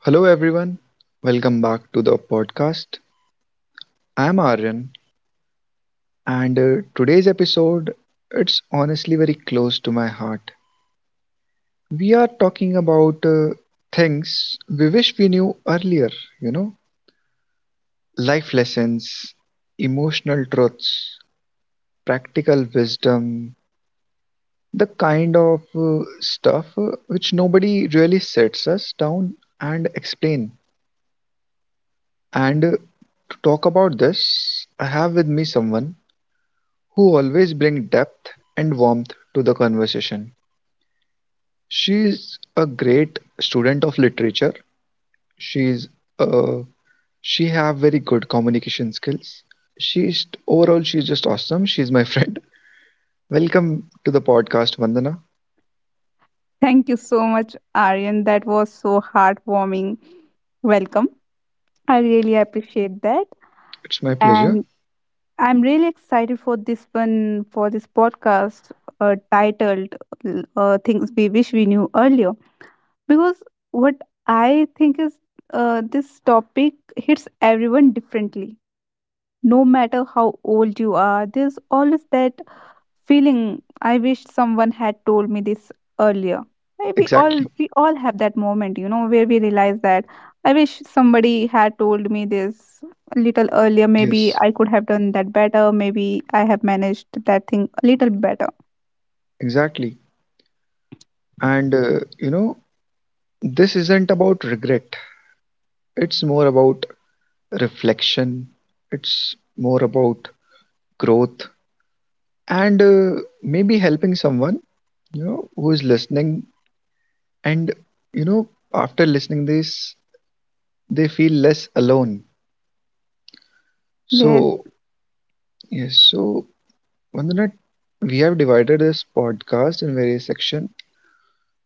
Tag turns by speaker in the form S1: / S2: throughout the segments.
S1: Hello, everyone. Welcome back to the podcast. I'm Aryan, and today's episode it's honestly very close to my heart. We are talking about things we wish we knew earlier. You know, life lessons, emotional truths, practical wisdom, the kind of stuff which nobody really sits us down and explain. And To talk about this, I have with me someone who always bring depth and warmth to the conversation. She's a great student of literature. She's uh, she have very good communication skills. She's overall she's just awesome. She's my friend. Welcome to the podcast, Vandana.
S2: Thank you so much, Aryan. That was so heartwarming. Welcome. I really appreciate that.
S1: It's my pleasure.
S2: And I'm really excited for this one, for this podcast titled Things We Wish We Knew Earlier. Because what I think is this topic hits everyone differently. No matter how old you are, there's always that feeling, I wished someone had told me this earlier. Eh, We all
S1: Exactly.
S2: we all have that moment, you know, where we realize that I wish somebody had told me this a little earlier. Maybe
S1: Yes.
S2: I could have done that better. Maybe I have managed that thing a little better.
S1: Exactly. And you know, this isn't about regret. It's more about reflection. It's more about growth and maybe helping someone you know who is listening and you know after listening this they feel less alone
S2: Yes.
S1: so yes so Vandana, we have divided this podcast in various section.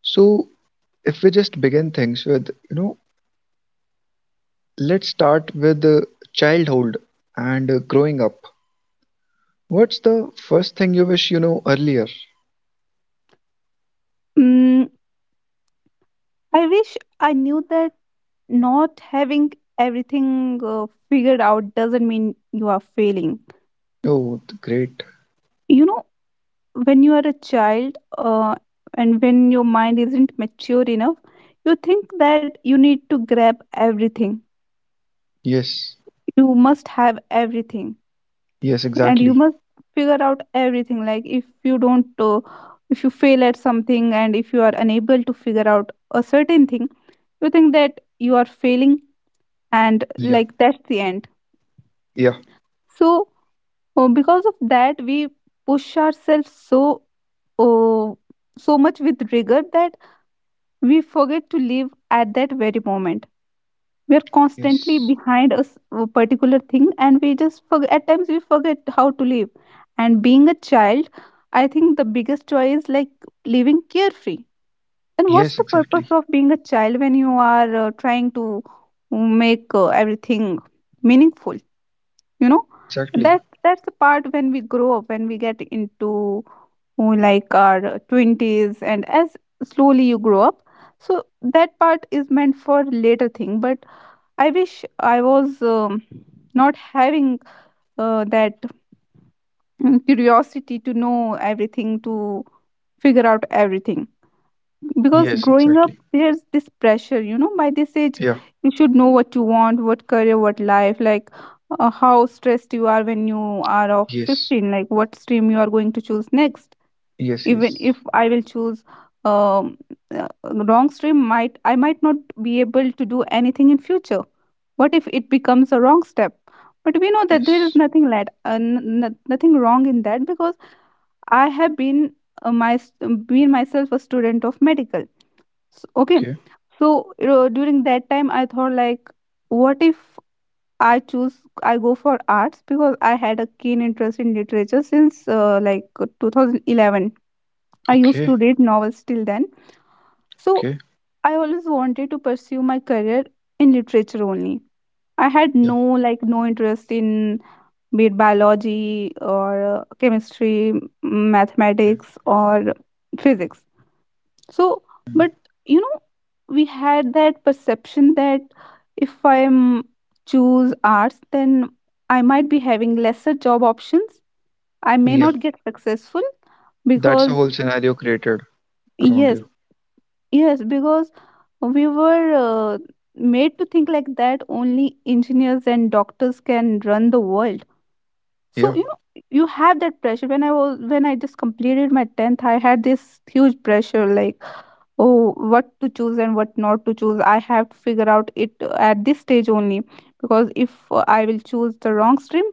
S1: So if we just begin things with, you know, let's start with childhood and growing up, what's the first thing you wish you know earlier?
S2: Mm, I wish I knew that not having everything figured out doesn't mean you are failing.
S1: Great.
S2: You know, when you are a child, and when your mind isn't mature enough, you think that you need to grab everything,
S1: Yes.
S2: you must have everything,
S1: Yes,
S2: and you
S1: exactly.
S2: must figure out everything. Like if you don't, if you fail at something and if you are unable to figure out a certain thing, you think that you are failing and
S1: Yeah,
S2: like that's the end.
S1: yeah.
S2: So because of that we push ourselves so, uh, so much with rigor that we forget to live at that very moment. We are constantly
S1: Yes.
S2: behind a particular thing, and we just forget, at times we forget how to live. And being a child, I think the biggest joy is like living carefree. And what's
S1: Yes,
S2: the purpose
S1: exactly.
S2: of being a child when you are trying to uh, make everything meaningful, you know?
S1: Exactly.
S2: That's the part when we grow up, when we get into who like our 20s, and as slowly you grow up, so that part is meant for later thing. But I wish I was not having that curiosity to know everything, to figure out everything. Because
S1: Yes,
S2: growing up
S1: exactly.
S2: there's this pressure, you know, by this age
S1: Yeah.
S2: you should know what you want, what career, what life, like how stressed you are when you are of
S1: Yes,
S2: 15, like what stream you are going to choose next.
S1: yes,
S2: Even if
S1: yes,
S2: I will choose um, uh, wrong stream, might, I might not be able to do anything in future. What if it becomes a wrong step? But we know that there is
S1: yes.
S2: nothing led, nothing wrong in that, because I have been, been myself a student of medical. S okay.
S1: Okay,
S2: So you know, during that time I thought like what if I choose, I go for arts, because I had a keen interest in literature since, like, 2011. I used to
S1: okay,
S2: read novels till then, so
S1: okay.
S2: I always wanted to pursue my career in literature only. I had
S1: Yeah,
S2: no, like no interest in, be it biology or chemistry,
S1: okay.
S2: mathematics or physics. So, but you know, we had that perception that if I choose arts, then I might be having lesser job options. I may
S1: Yeah,
S2: not get successful
S1: that's a
S2: because,
S1: whole scenario created around
S2: yes,
S1: you.
S2: yes, because we were, made to think like that only engineers and doctors can run the world. So
S1: Yeah,
S2: you know, you have that pressure. When I was, when I just completed my 10th, I had this huge pressure like, oh, what to choose and what not to choose, I have to figure out it at this stage only. Because if I will choose the wrong stream,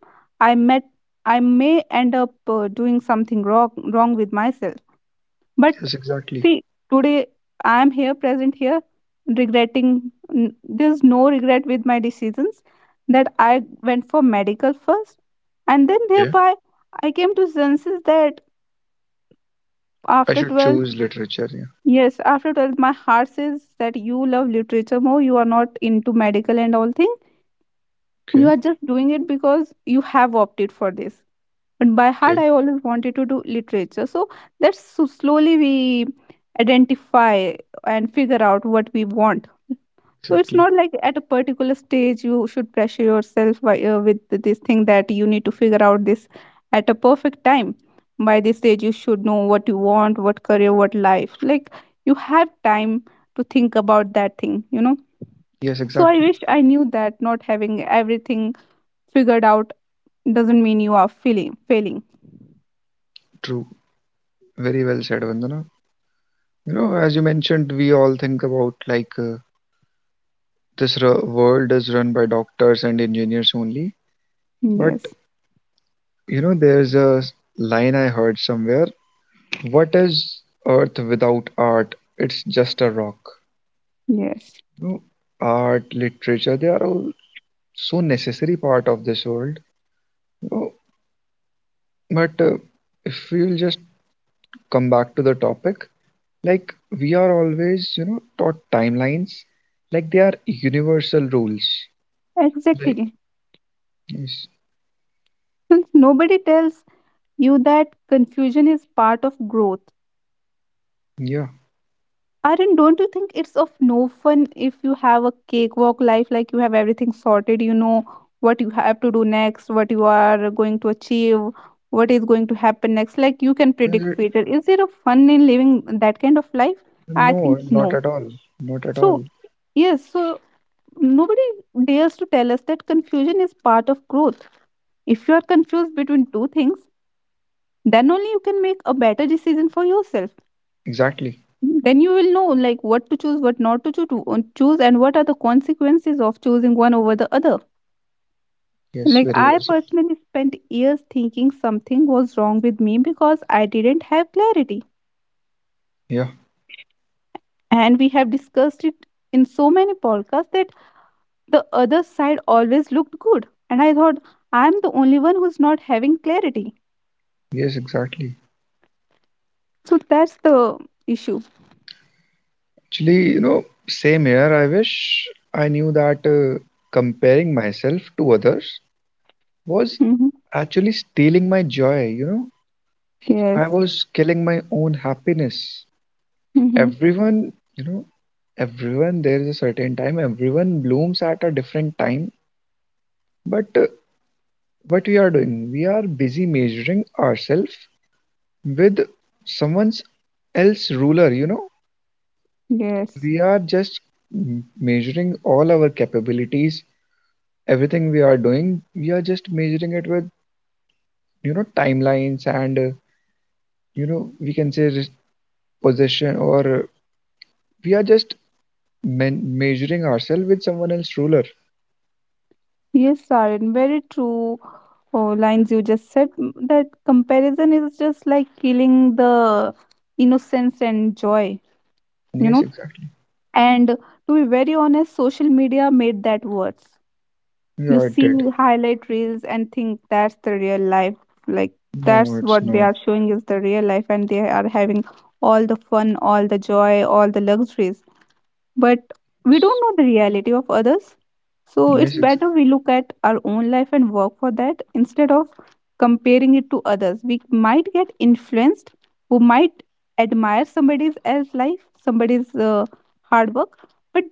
S2: I met, I may end up doing something wrong with myself. But
S1: yes, exactly.
S2: see, today I am here, present here, there's no regret with my decisions that I went for medical first, and then
S1: Okay,
S2: thereby I came to senses that
S1: I
S2: after
S1: should
S2: 12th,
S1: choose literature. Yeah,
S2: yes, after 12th, my heart says that you love literature more, you are not into medical and all things, you
S1: okay,
S2: are just doing it because you have opted for this, but by heart
S1: okay,
S2: I always wanted to do literature. So that's, so slowly we identify and figure out what we want. So it's
S1: exactly.
S2: not like at a particular stage you should pressure yourself by, with this thing that you need to figure out this at a perfect time, by this stage you should know what you want, what career, what life, like you have time to think about that thing, you know?
S1: Yes,
S2: So I
S1: exactly.
S2: wish I knew that not having everything figured out doesn't mean you are feeling failing.
S1: True. Very well said, Vandana. You know, as you mentioned, we all think about like this world is run by doctors and engineers only. But
S2: Yes,
S1: you know, there's a line I heard somewhere. What is Earth without art? It's just a rock.
S2: yes.
S1: You know, art, literature, they are all so necessary part of this world. You know, but if we'll just come back to the topic, like we are always, you know, taught timelines, like they are universal rules. Like,
S2: Exactly.
S1: yes,
S2: Since nobody tells you that confusion is part of growth.
S1: yeah.
S2: Arun, don't you think it's of no fun if you have a cakewalk life, like you have everything sorted, you know what you have to do next, what you are going to achieve, what is going to happen next, like you can
S1: Is
S2: predict
S1: it-
S2: future. Is there a fun in living that kind of life? I
S1: no,
S2: think
S1: not
S2: no.
S1: at all, not at
S2: So,
S1: all.
S2: yes, so nobody dares to tell us that confusion is part of growth. If you are confused between two things, then only you can make a better decision for yourself.
S1: Exactly.
S2: Then you will know like what to choose, what not to choose, and what are the consequences of choosing one over the other.
S1: Yes,
S2: Like
S1: very
S2: I
S1: well said.
S2: personally spent years thinking something was wrong with me because I didn't have clarity.
S1: Yeah,
S2: And we have discussed it in so many podcasts that the other side always looked good. And I thought I'm the only one who's not having clarity.
S1: yes, exactly.
S2: So that's the issue.
S1: Actually, you know, same here. I wish I knew that comparing myself to others was
S2: Mm-hmm.
S1: actually stealing my joy, you know. I
S2: Yes.
S1: was killing my own happiness.
S2: Mm-hmm.
S1: Everyone, you know, everyone, there is a certain time, everyone blooms at a different time. But what we are doing, we are busy measuring ourselves with someone's else ruler, you know.
S2: Yes.
S1: We are just measuring all our capabilities, everything we are doing, we are just measuring it with, you know, timelines and, you know, we can say possession or we are just measuring ourselves with someone else's ruler.
S2: Yes, Sarin, very true. Oh, lines you just said. That comparison is just like killing the innocence and joy, you
S1: Yes,
S2: know.
S1: exactly.
S2: And to be very honest, social media made that worse. You
S1: Yeah, it did.
S2: see highlight reels and think that's the real life. Like
S1: No,
S2: that's
S1: it's
S2: what they
S1: not.
S2: are showing is the real life, and they are having all the fun, all the joy, all the luxuries, but we don't know the reality of others. So it's
S1: Yes, ex-
S2: better we look at our own life and work for that instead of comparing it to others. We might get influenced, we might admire somebody else's life, somebody's hard work, but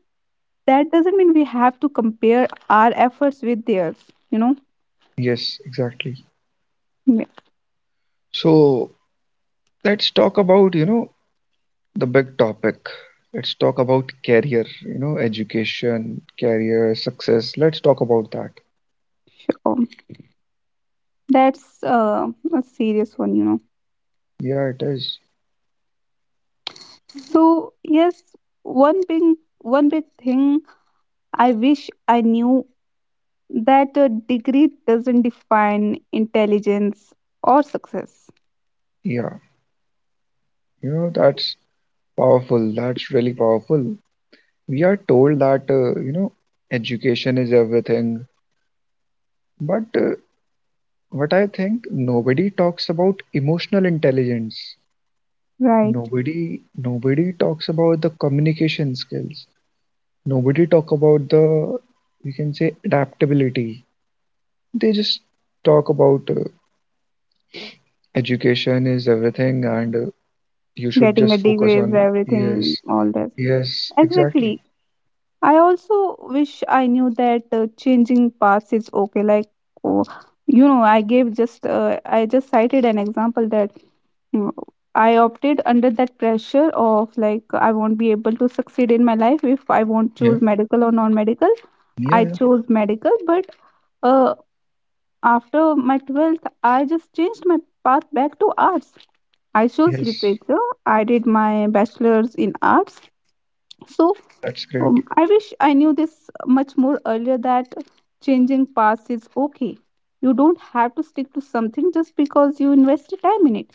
S2: that doesn't mean we have to compare our efforts with theirs, you know.
S1: yes, exactly.
S2: Yeah,
S1: So let's talk about, you know, the big topic. Let's talk about career, you know, education, career, success. Let's talk about that.
S2: sure. That's a serious one, you know.
S1: Yeah, it is.
S2: So yes, one big one big thing I wish I knew, that a degree doesn't define intelligence or success.
S1: Yeah, you know, that's powerful. That's really powerful. We are told that, you know, education is everything, but what I think nobody talks about emotional intelligence.
S2: Right.
S1: Nobody talks about the communication skills. Nobody talk about the you can say adaptability. They just talk about education is everything and you should
S2: Getting
S1: just
S2: a
S1: focus
S2: degree is
S1: on
S2: everything,
S1: yes.
S2: all this.
S1: Yes,
S2: Exactly.
S1: exactly.
S2: I also wish I knew that, changing paths is okay. Like, oh, you know, I gave just, I just cited an example that, mm, I opted under that pressure of like, I won't be able to succeed in my life if I won't
S1: Yeah,
S2: choose medical or non medical.
S1: yeah,
S2: I
S1: yeah.
S2: chose medical, but uh, after my 12th, I just changed my path back to arts. I chose
S1: Yes,
S2: literature. I did my bachelor's in arts. So
S1: that's great.
S2: I wish I knew this much more earlier, that changing paths is okay. You don't have to stick to something just because you invested time in it.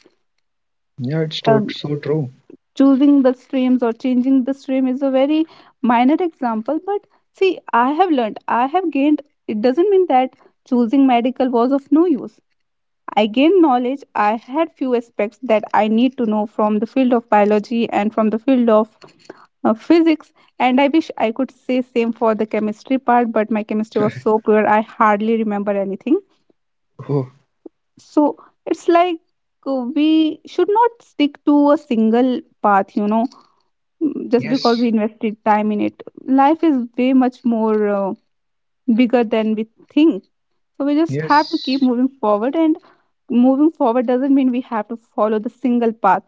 S1: Yeah, it's
S2: Um,
S1: so true.
S2: Choosing the streams or changing the stream is a very minor example, but see, I have learned, I have gained. It doesn't mean that choosing medical was of no use. I gained knowledge. I had few aspects that I need to know from the field of biology and from the field of physics. And I wish I could say same for the chemistry part, but my chemistry was so poor, I hardly remember anything.
S1: Oh,
S2: So it's like, we should not stick to a single path, you know. Just because
S1: yes,
S2: we invested time in it, life is way much more bigger than we think. So we just have to keep
S1: yes,
S2: moving forward, and moving forward doesn't mean we have to follow the single path.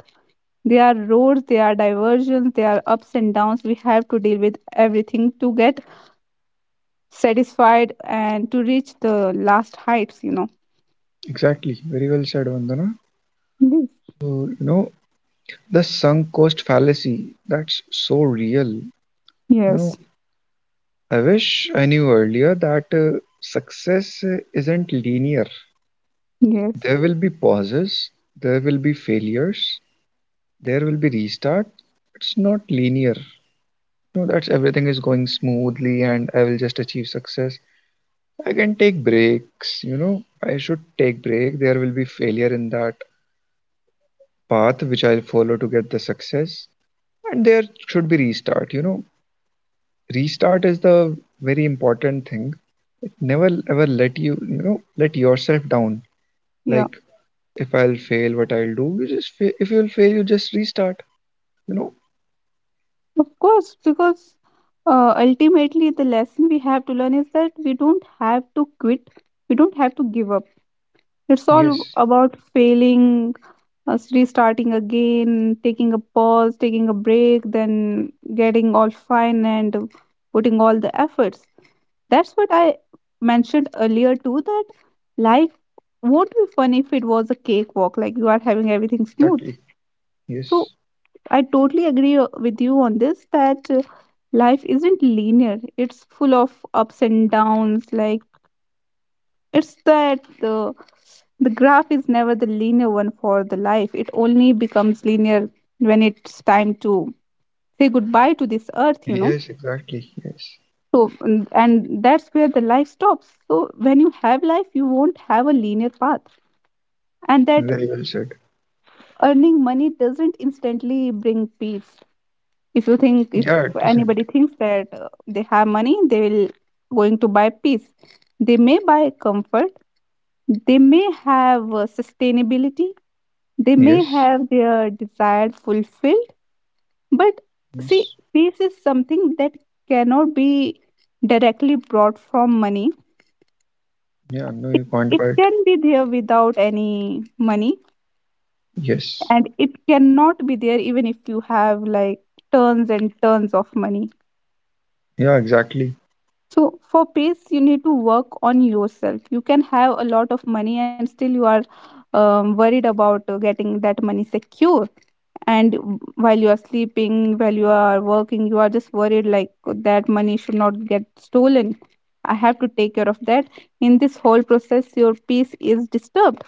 S2: There are roads, there are diversions, there are ups and downs. We have to deal with everything to get satisfied and to reach the last heights, you know.
S1: exactly. Very well said, Vandana.
S2: Yes,
S1: So you know, the sunk cost fallacy, that's so real. You know,
S2: yes,
S1: I wish I knew earlier that success isn't linear.
S2: yes.
S1: There will be pauses, there will be failures, there will be restart. It's not linear. No, that's everything is going smoothly and I will just achieve success. I can take breaks, you know, I should take break. There will be failure in that path which I'll follow to get the success. And there should be restart, you know. Restart is the very important thing. Never ever let you, you know, let yourself down,
S2: Yeah.
S1: like if I'll fail what I'll do, you just if you'll fail you just restart, you know.
S2: Of course, because ultimately the lesson we have to learn is that we don't have to quit, we don't have to give up. It's all
S1: Yes,
S2: about failing, restarting again, taking a pause, taking a break, then getting all fine and putting all the efforts. That's what I mentioned earlier too, that life won't be fun if it was a cakewalk, like you are having everything smooth.
S1: exactly. Yes.
S2: So I totally agree, with you on this, that life isn't linear, it's full of ups and downs. Like it's that the graph is never the linear one for the life. It only becomes linear when it's time to say goodbye to this earth, you know.
S1: Yes, exactly. Yes.
S2: So and that's where the life stops. So when you have life, you won't have a linear path. And that
S1: Very well said.
S2: earning money doesn't instantly bring peace. If you think, if
S1: Yeah, it isn't.
S2: anybody thinks that they have money, they will going to buy peace. They may buy comfort. They may have sustainability. They may
S1: Yes.
S2: have their desire fulfilled, but see,
S1: Yes.
S2: peace is something that cannot be directly brought from money.
S1: Yeah, no, you
S2: It,
S1: can't,
S2: it
S1: but
S2: can be there without any money,
S1: yes.
S2: and it cannot be there even if you have like tons and tons of money.
S1: Yeah, exactly.
S2: So, for peace, you need to work on yourself. You can have a lot of money, and still you are worried about getting that money secure, and while you are sleeping, while you are working, you are just worried like that money should not get stolen. I have to take care of that. In this whole process, your peace is disturbed.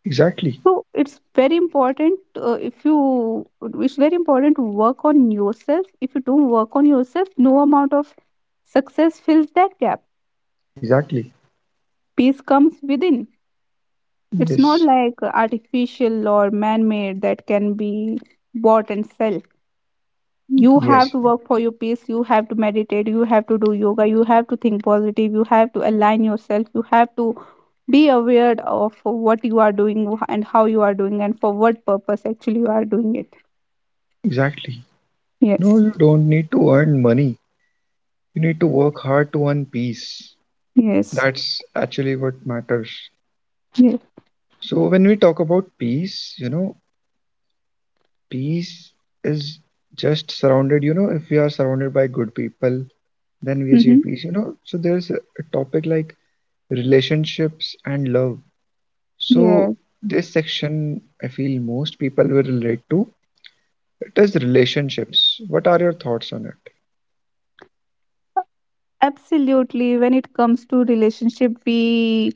S1: Exactly.
S2: So it's very important, if you it's very important to work on yourself. If you don't work on yourself, no amount of success fills that gap.
S1: Exactly.
S2: Peace comes within. It's
S1: Yes.
S2: not like artificial or man made that can be bought and sell. You
S1: Yes,
S2: have to work for your peace, you have to meditate, you have to do yoga, you have to think positive, you have to align yourself, you have to be aware of what you are doing and how you are doing and for what purpose actually you are doing it.
S1: exactly. No,
S2: Yes.
S1: you don't need to earn money, you need to work hard to earn peace.
S2: Yes.
S1: That's actually what matters.
S2: Yes.
S1: So when we talk about peace, you know, peace is just surrounded, you know, if we are surrounded by good people, then we achieve
S2: Mm-hmm.
S1: peace, you know. So there's a topic like relationships and love. So
S2: Yes.
S1: this section I feel most people will relate to. It is relationships. What are your thoughts on it?
S2: Absolutely. When it comes to relationship, we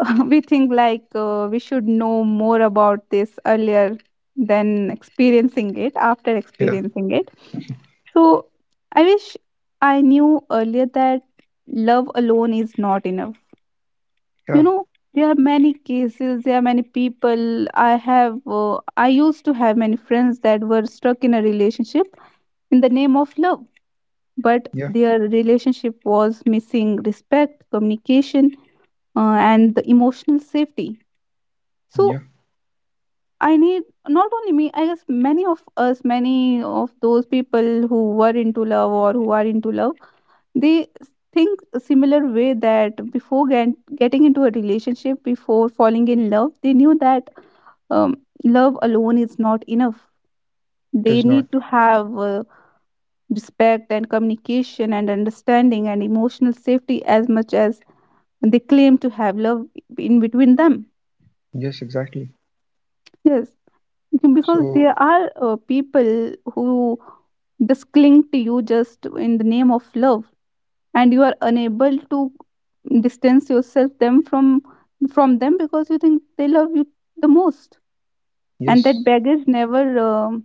S2: we think like we should know more about this earlier than experiencing it, after
S1: Yeah,
S2: experiencing it. So I wish I knew earlier that love alone is not enough,
S1: yeah,
S2: you know. There are many cases, there are many people. I used to have many friends that were stuck in a relationship in the name of love, but
S1: yeah,
S2: their relationship was missing respect, communication, and the emotional safety.
S1: yeah.
S2: So I need, not only me, I guess many of us, many of those people who were into love or who are into love, they think a similar way that before getting into a relationship, before falling in love, they knew that um, love alone is not enough.
S1: It is
S2: They
S1: not.
S2: need to have respect and communication and understanding and emotional safety as much as they claim to have love in between them.
S1: Yes, exactly.
S2: Yes. Because
S1: So
S2: there are people who just cling to you just in the name of love, and you are unable to distance yourself them from them because you think they love you the most, and
S1: yes,
S2: that baggage never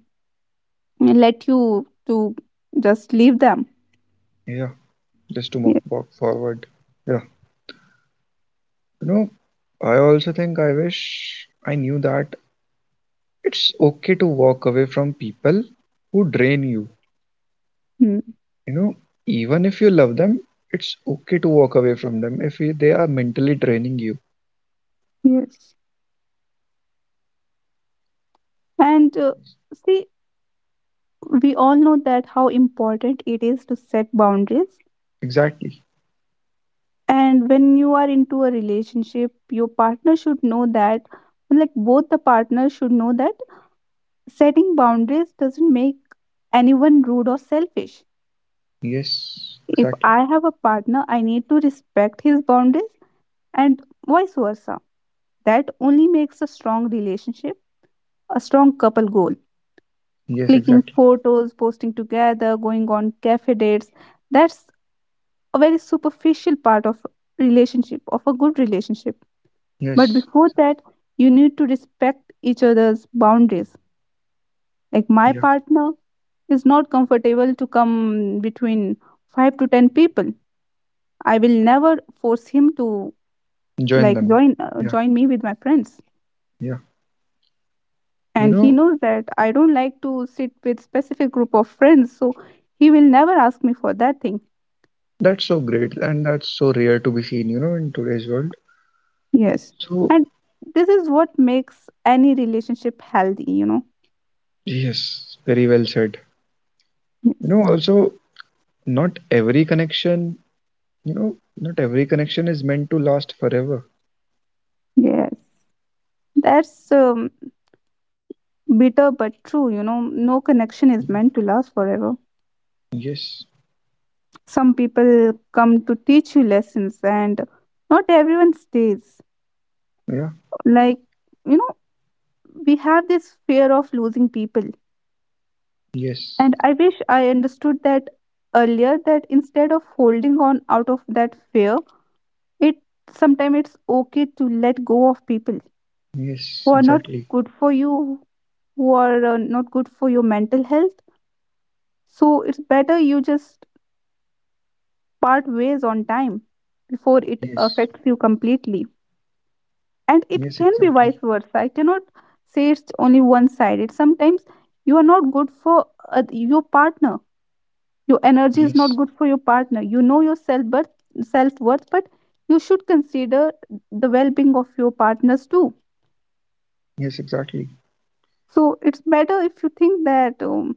S2: let you to just leave them.
S1: yeah, just to
S2: Yes.
S1: walk forward. Yeah. You know, I also think I wish I knew that it's okay to walk away from people who drain you.
S2: Mm.
S1: You know, even if you love them, it's okay to walk away from them if they are mentally draining you.
S2: Yes. And see, we all know that how important it is to set boundaries,
S1: Exactly.
S2: and when you are into a relationship, your partner should know that, like both the partners should know that setting boundaries doesn't make anyone rude or selfish.
S1: Yes,
S2: If
S1: exactly.
S2: I have a partner, I need to respect his boundaries, and vice versa. That only makes a strong relationship, a strong couple goal.
S1: Yes,
S2: Clicking
S1: exactly.
S2: photos, posting together, going on cafe dates, that's a very superficial part of relationship, of a good relationship. But
S1: Yes.
S2: before that, you need to respect each other's boundaries. Like my
S1: Yeah.
S2: partner is not comfortable to come between 5 to 10 people. I will never force him to
S1: Join
S2: like
S1: them. Yeah.
S2: join me with my friends.
S1: Yeah. You
S2: And he
S1: know,
S2: knows that I don't like to sit with specific group of friends, so he will never ask me for that thing.
S1: that's so great and that's so rare to be seen, you know, in today's world.
S2: Yes.
S1: So,
S2: And this is what makes any relationship healthy, you know.
S1: yes, very well said. You
S2: Yes.
S1: know, also, not every connection, you know, not every connection is meant to last forever.
S2: Yes. That's bitter but true, you know. No connection
S1: Yeah.
S2: is meant to last forever.
S1: Yes.
S2: Some people come to teach you lessons and not everyone stays.
S1: Yeah.
S2: Like, you know, we have this fear of losing people,
S1: Yes.
S2: and I wish I understood that earlier that instead of holding on out of that fear, it sometimes it's okay to let go of people
S1: Yes,
S2: who are not
S1: exactly.
S2: good for you, who are not good for your mental health. So it's better you just part ways on time before it
S1: Yes.
S2: affects you completely. And
S1: Yes,
S2: it can be
S1: exactly.
S2: vice versa. I cannot say it's only one sided. Sometimes you are not good for your partner. Your energy is
S1: Yes.
S2: not good for your partner. You know your self worth, but you should consider the well being of your partners too.
S1: Yes, exactly.
S2: So it's better if you think that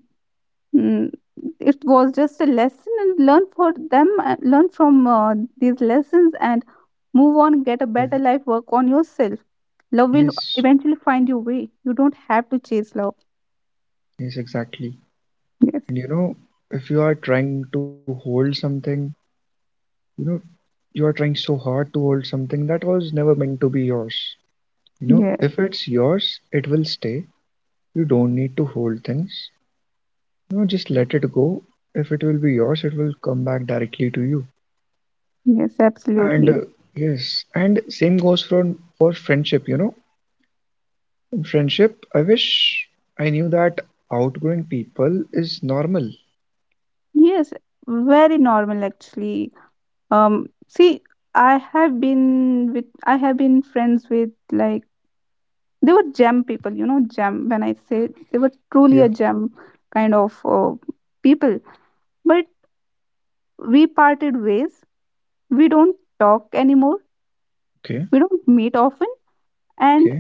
S2: Mm, it was just a lesson and learn for them, learn from these lessons and move on, get a
S1: Yeah.
S2: better life, work on yourself. Love will
S1: Yes,
S2: eventually find your way. You don't have to chase love.
S1: yes, exactly.
S2: Yes.
S1: And you know, if you are trying to hold something, you know, you are trying so hard to hold something that was never meant to be yours, you know, if
S2: Yes.
S1: it's yours it will stay. You don't need to hold things, you know, just let it go. If it will be yours it will come back directly to you.
S2: Yes,
S1: And
S2: absolutely.
S1: yes, and same goes for friendship, you know. In friendship, I wish I knew that outgrowing people is normal.
S2: Yes, very normal actually. See, I have been friends with like, they were gem people, you know. Gem, when I say, they were
S1: Yeah.
S2: truly a gem kind of people. But we parted ways. We don't talk anymore.
S1: Okay.
S2: We don't meet often. And
S1: Okay.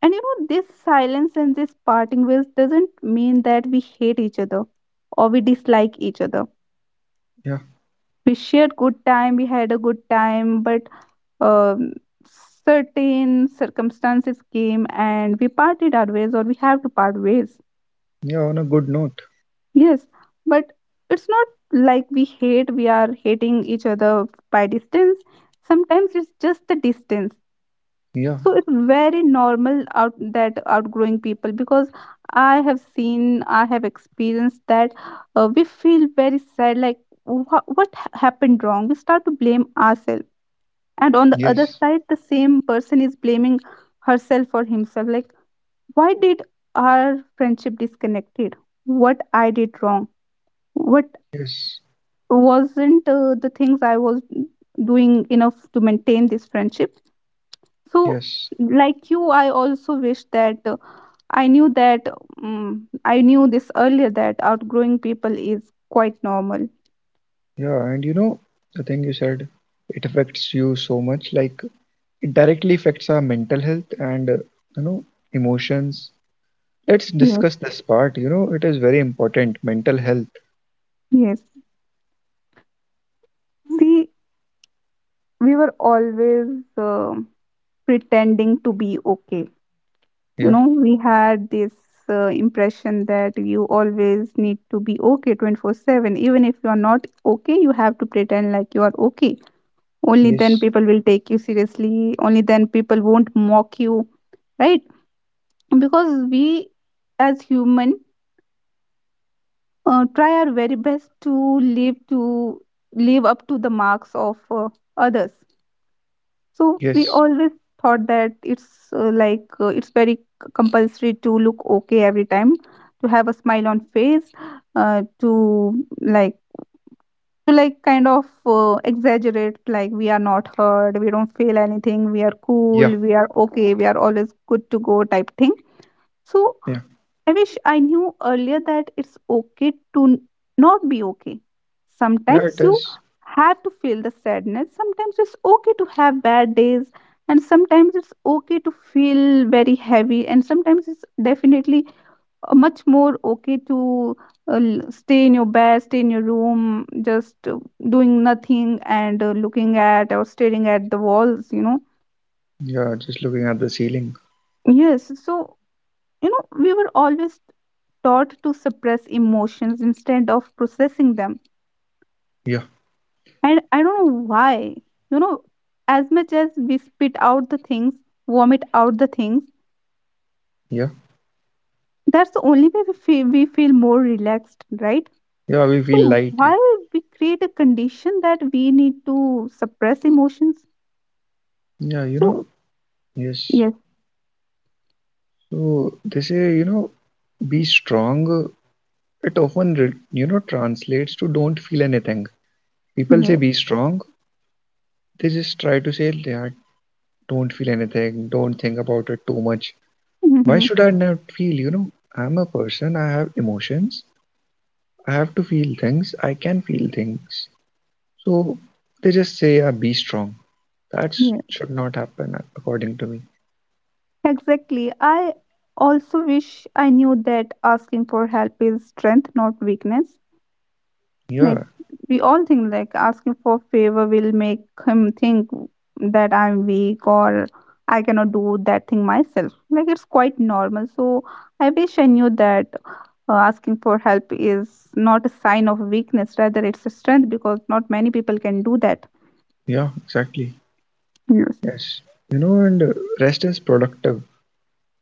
S2: you know, this silence and this parting ways doesn't mean that we hate each other or we dislike each other.
S1: Yeah.
S2: We shared good time. We had a good time, but um, certain circumstances came and we parted our ways, or we have to part ways.
S1: Yeah, on a good note.
S2: Yes, but it's not like we hate. We are hating each other by distance. Sometimes it's just the distance.
S1: Yeah.
S2: So it's very normal, out that outgrowing people, because I have seen, I have experienced that, we feel very sad, like what happened wrong. We start to blame ourselves, and on the other
S1: Yes.
S2: side, the same person is blaming herself or himself, like why did our friendship disconnected, what I did wrong, what
S1: Yes.
S2: wasn't the things I was doing enough to maintain this friendship. So
S1: Yes.
S2: like you, I also wish that I knew that I knew this earlier that outgrowing people is quite normal.
S1: Yeah, and you know, the thing you said, it affects you so much, like it directly affects our mental health and you know, emotions. Let's discuss
S2: Yes,
S1: this part, you know, it is very important, mental health.
S2: yes. See, we were always uh, pretending to be okay.
S1: Yeah.
S2: You know, we had this impression that you always need to be okay 24/7. Even if you are not okay, you have to pretend like you are okay. Only
S1: Yes.
S2: then people will take you seriously. Only then people won't mock you, right? Because we as human try our very best to live up to the marks of others. So we
S1: Yes.
S2: always thought that it's it's very compulsory to look okay every time, to have a smile on face, to like, to like kind of exaggerate like we are not hurt, we don't feel anything, we are
S1: Yeah.
S2: cool, we are okay, we are always good to go type thing. So
S1: Yeah,
S2: I wish I knew earlier that it's okay to not be okay.
S1: yeah, it
S2: Sometimes you
S1: is.
S2: have to feel the sadness, sometimes it's okay to have bad days, and sometimes it's okay to feel very heavy, and sometimes it's definitely much more okay to stay in your bed, stay in your room, just doing nothing and looking at or staring at the walls, you know.
S1: Yeah, just looking at the ceiling.
S2: Yes, so you know, we were always taught to suppress emotions instead of processing them.
S1: Yeah,
S2: And I don't know why. You know, as much as we spit out the things, vomit out the things,
S1: yeah,
S2: that's the only way we feel more relaxed, right?
S1: yeah, we feel
S2: So,
S1: light. Yeah,
S2: why we create a condition that we need to suppress emotions?
S1: yeah, you
S2: So,
S1: know, yes.
S2: yes,
S1: So they say, you know, be strong. It often, you know, translates to don't feel anything. People say
S2: yes,
S1: be strong. They just try to say, yeah, don't feel anything. Don't think about it too much. Why
S2: hmm,
S1: should I not feel? You know, I'm a person. I have emotions. I have to feel things. I can feel things. So they just say, yeah, be strong. That
S2: yes.
S1: should not happen, according to me.
S2: Exactly. I also wish I knew that asking for help is strength, not weakness.
S1: Yeah,
S2: Like we all think like asking for favor will make him think that I'm weak or I cannot do that thing myself. Like it's quite normal. So I wish I knew that asking for help is not a sign of weakness, rather it's a strength because not many people can do that.
S1: yeah, exactly.
S2: Yes.
S1: Yes. You know, and rest is productive.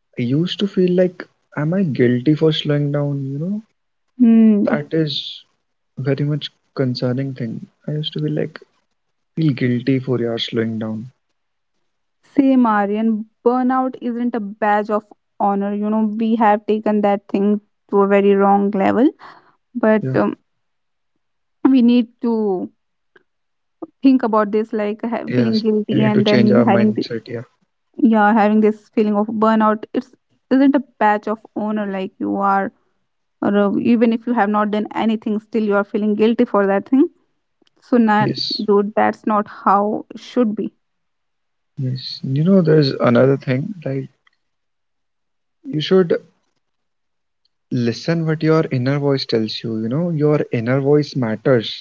S1: I used to feel like, am I guilty for slowing down? You know,
S2: Hmm.
S1: that is very much concerning thing. I used to feel like, feel guilty for your slowing down.
S2: Same Aryan, burnout isn't a badge of honor. You know, we have taken that thing to a very wrong level, but
S1: Yeah.
S2: we need to think about this like
S1: Yes.
S2: feeling
S1: We
S2: guilty
S1: need to
S2: and
S1: change our
S2: then having the,
S1: mindset. Yeah.
S2: yeah, having this feeling of burnout, it's isn't a badge of honor. Like you are, or even if you have not done anything, still you are feeling guilty for that thing. So nah,
S1: Yes.
S2: dude, that's not how it should be.
S1: Yes. You know, there's another thing. Like, you should listen what your inner voice tells you. You know, your inner voice matters.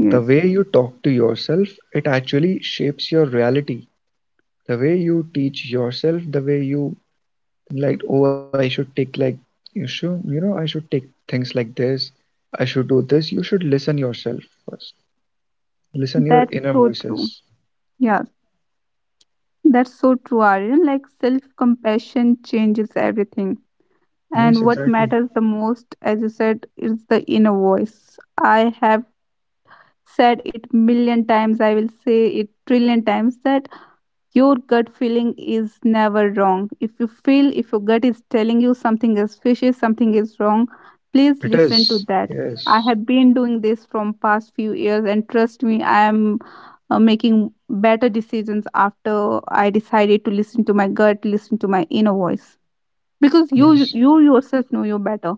S1: The way you talk to yourself, it actually shapes your reality. The way you teach yourself, the way you like, oh, I should take like you should, you know, I should take things like this. I should do this. You should listen yourself first. Listen your
S2: that's
S1: inner
S2: so
S1: voices.
S2: true. Yeah, that's so true, Aryan. Like self compassion changes everything,
S1: Yes,
S2: and what
S1: exactly.
S2: matters the most, as you said, is the inner voice. I have said it million times, I will say it trillion times that your gut feeling is never wrong. If you feel, if your gut is telling you something is fishy, something is wrong,
S1: It
S2: please listen
S1: is.
S2: to that. I
S1: Yes.
S2: have been doing this from past few years, and trust me, I am making better decisions after I decided to listen to my gut, listen to my inner voice. Because you
S1: Yes.
S2: you yourself know you better.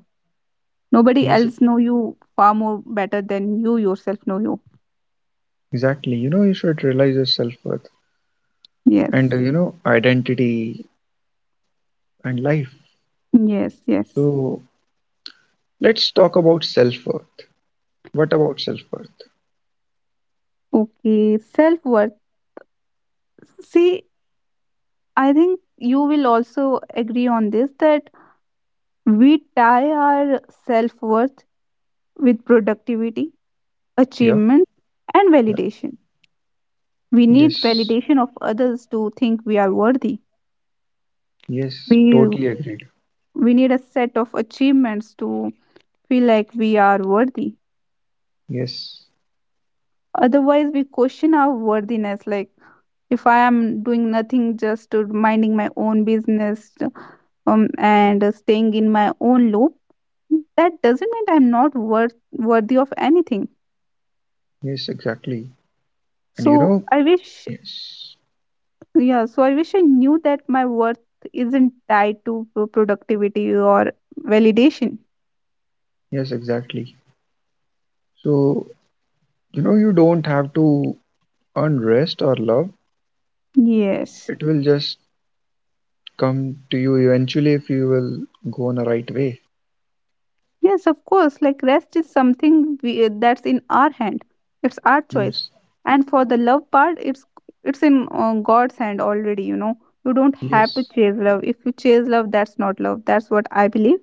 S2: Nobody
S1: Yes.
S2: else know you far more better than you yourself know you.
S1: Exactly. You know, you should realize your self worth
S2: Yes.
S1: and you know identity and life.
S2: Yes, yes.
S1: So let's talk about self worth. What about self worth?
S2: Okay, self worth. See, I think you will also agree on this that we tie our self worth with productivity,
S1: Yeah.
S2: achievement, and validation. We need
S1: Yes,
S2: validation of others to think we are worthy.
S1: yes,
S2: We
S1: totally agreed.
S2: we need a set of achievements to feel like we are worthy.
S1: Yes,
S2: Otherwise, we question our worthiness. Like if I am doing nothing, just to minding my own business, and staying in my own loop, that doesn't mean I'm not worthy of anything.
S1: yes, exactly. And you
S2: So
S1: know,
S2: I wish,
S1: yes,
S2: yeah. So I wish I knew that my worth isn't tied to productivity or validation.
S1: yes, exactly. So, you know, you don't have to earn rest or love. It
S2: Yes,
S1: will just come to you eventually if you will go on a right way.
S2: yes, of course. Like rest is something that's in our hand. It's our
S1: Yes,
S2: choice. And for the love part, it's in God's hand already. You know, you don't have
S1: yes,
S2: to chase love. If you chase love, that's not love. That's what I believe.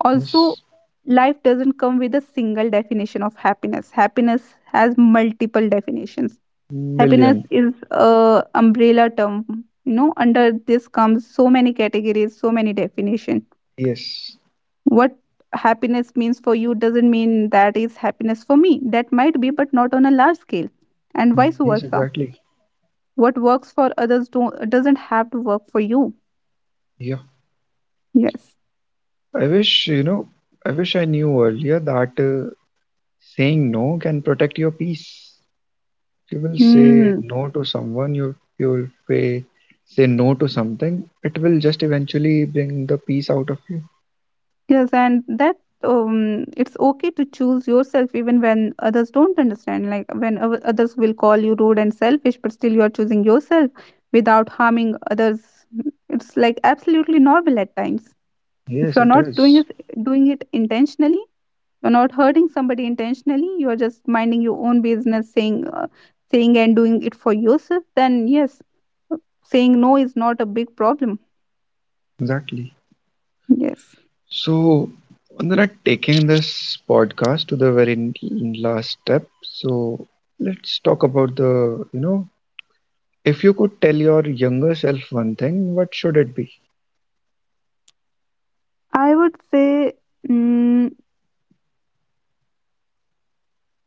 S1: yes,
S2: Also, life doesn't come with a single definition of happiness. Happiness has multiple definitions.
S1: million.
S2: Happiness is a umbrella term. You know, under this comes so many categories, so many definitions.
S1: Yes,
S2: What happiness means for you doesn't mean that is happiness for me. That might be, but not on a large scale, and
S1: yes,
S2: vice
S1: exactly.
S2: versa. What works for others don't, doesn't have to work for you.
S1: Yeah.
S2: Yes.
S1: I wish, you know, I wish I knew earlier that saying no can protect your peace. You will say
S2: Hmm.
S1: no to someone, you you'll say, say no to something, it will just eventually bring the peace out of you.
S2: Yes, and that it's okay to choose yourself even when others don't understand. Like when others will call you rude and selfish, but still you are choosing yourself without harming others. It's like absolutely normal at times.
S1: Yes
S2: If
S1: it
S2: you're not
S1: is.
S2: doing it, doing it intentionally, you're not hurting somebody intentionally. You are just minding your own business, saying, saying and doing it for yourself. Then yes, saying no is not a big problem.
S1: Exactly.
S2: Yes,
S1: So Vandana, taking this podcast to the very last step, so let's talk about the, you know, if you could tell your younger self one thing what should it be?
S2: I would say. mm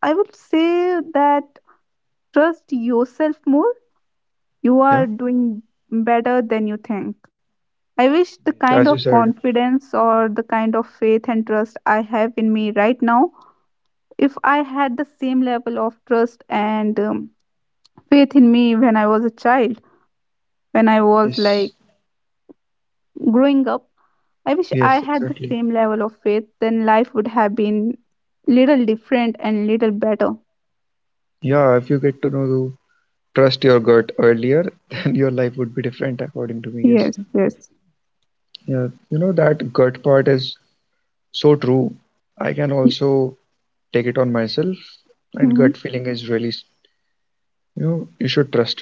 S2: I would say that trust yourself more. You
S1: Yeah.
S2: are doing better than you think. I
S1: Yes,
S2: wish the
S1: as you
S2: kind
S1: said.
S2: of confidence or the kind of faith and trust I have in me right now, if I had the same level of trust and faith in me when I was a child, when I was
S1: Yes.
S2: like growing up, I wish
S1: Yes,
S2: I had the
S1: exactly.
S2: same level of faith, then life would have been little different and little better.
S1: Yeah, if you get to know trust your gut earlier, then your life would be different, according to me. Yes.
S2: Yes, yes.
S1: Yeah. You know, that gut part is so true. I can also take it on myself, and gut
S2: Mm-hmm.
S1: feeling is really, you know, you should trust it.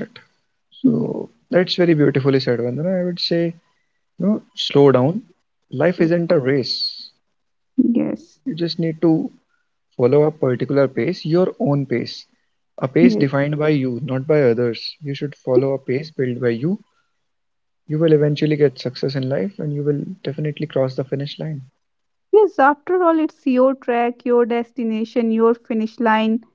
S1: So that's very beautifully said, Vandana. I would say, you know, slow down. Life isn't a race.
S2: Yes.
S1: You just need to follow a particular pace, your own pace, a pace
S2: Yes.
S1: defined by you, not by others. You should follow a pace built by you. You will eventually get success in life and you will definitely cross the finish line.
S2: Yes, after all, it's your track, your destination, your finish line.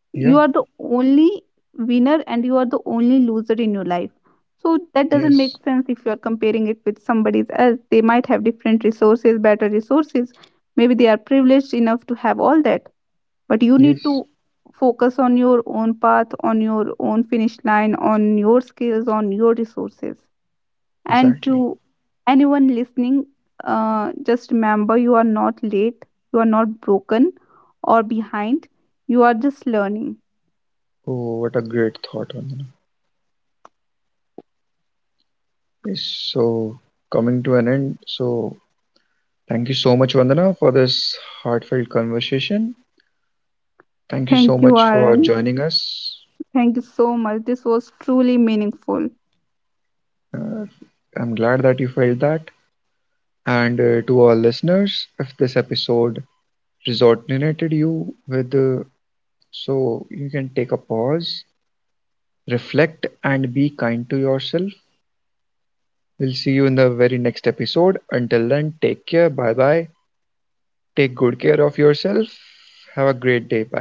S1: Yeah,
S2: You are the only winner and you are the only loser in your life. So that doesn't
S1: yes,
S2: make sense if you are comparing it with somebody else. They might have different resources, better resources. Maybe they are privileged enough to have all that. But you need
S1: yes,
S2: to focus on your own path, on your own finish line, on your skills, on your resources. And
S1: exactly.
S2: to anyone listening, just remember, you are not late, you are not broken or behind, you are just learning.
S1: Oh, what a great thought, Vandana. Yes, so coming to an end, so thank you so much, Vandana, for this heartfelt conversation. Thank you so
S2: Thank
S1: much
S2: you,
S1: for
S2: Aaron.
S1: joining us.
S2: Thank you so much. This was truly meaningful.
S1: I'm glad that you felt that. And to our listeners, if this episode resonated you with, so you can take a pause, reflect, and be kind to yourself. We'll see you in the very next episode. Until then, take care. Bye bye. Take good care of yourself. Have a great day. Bye.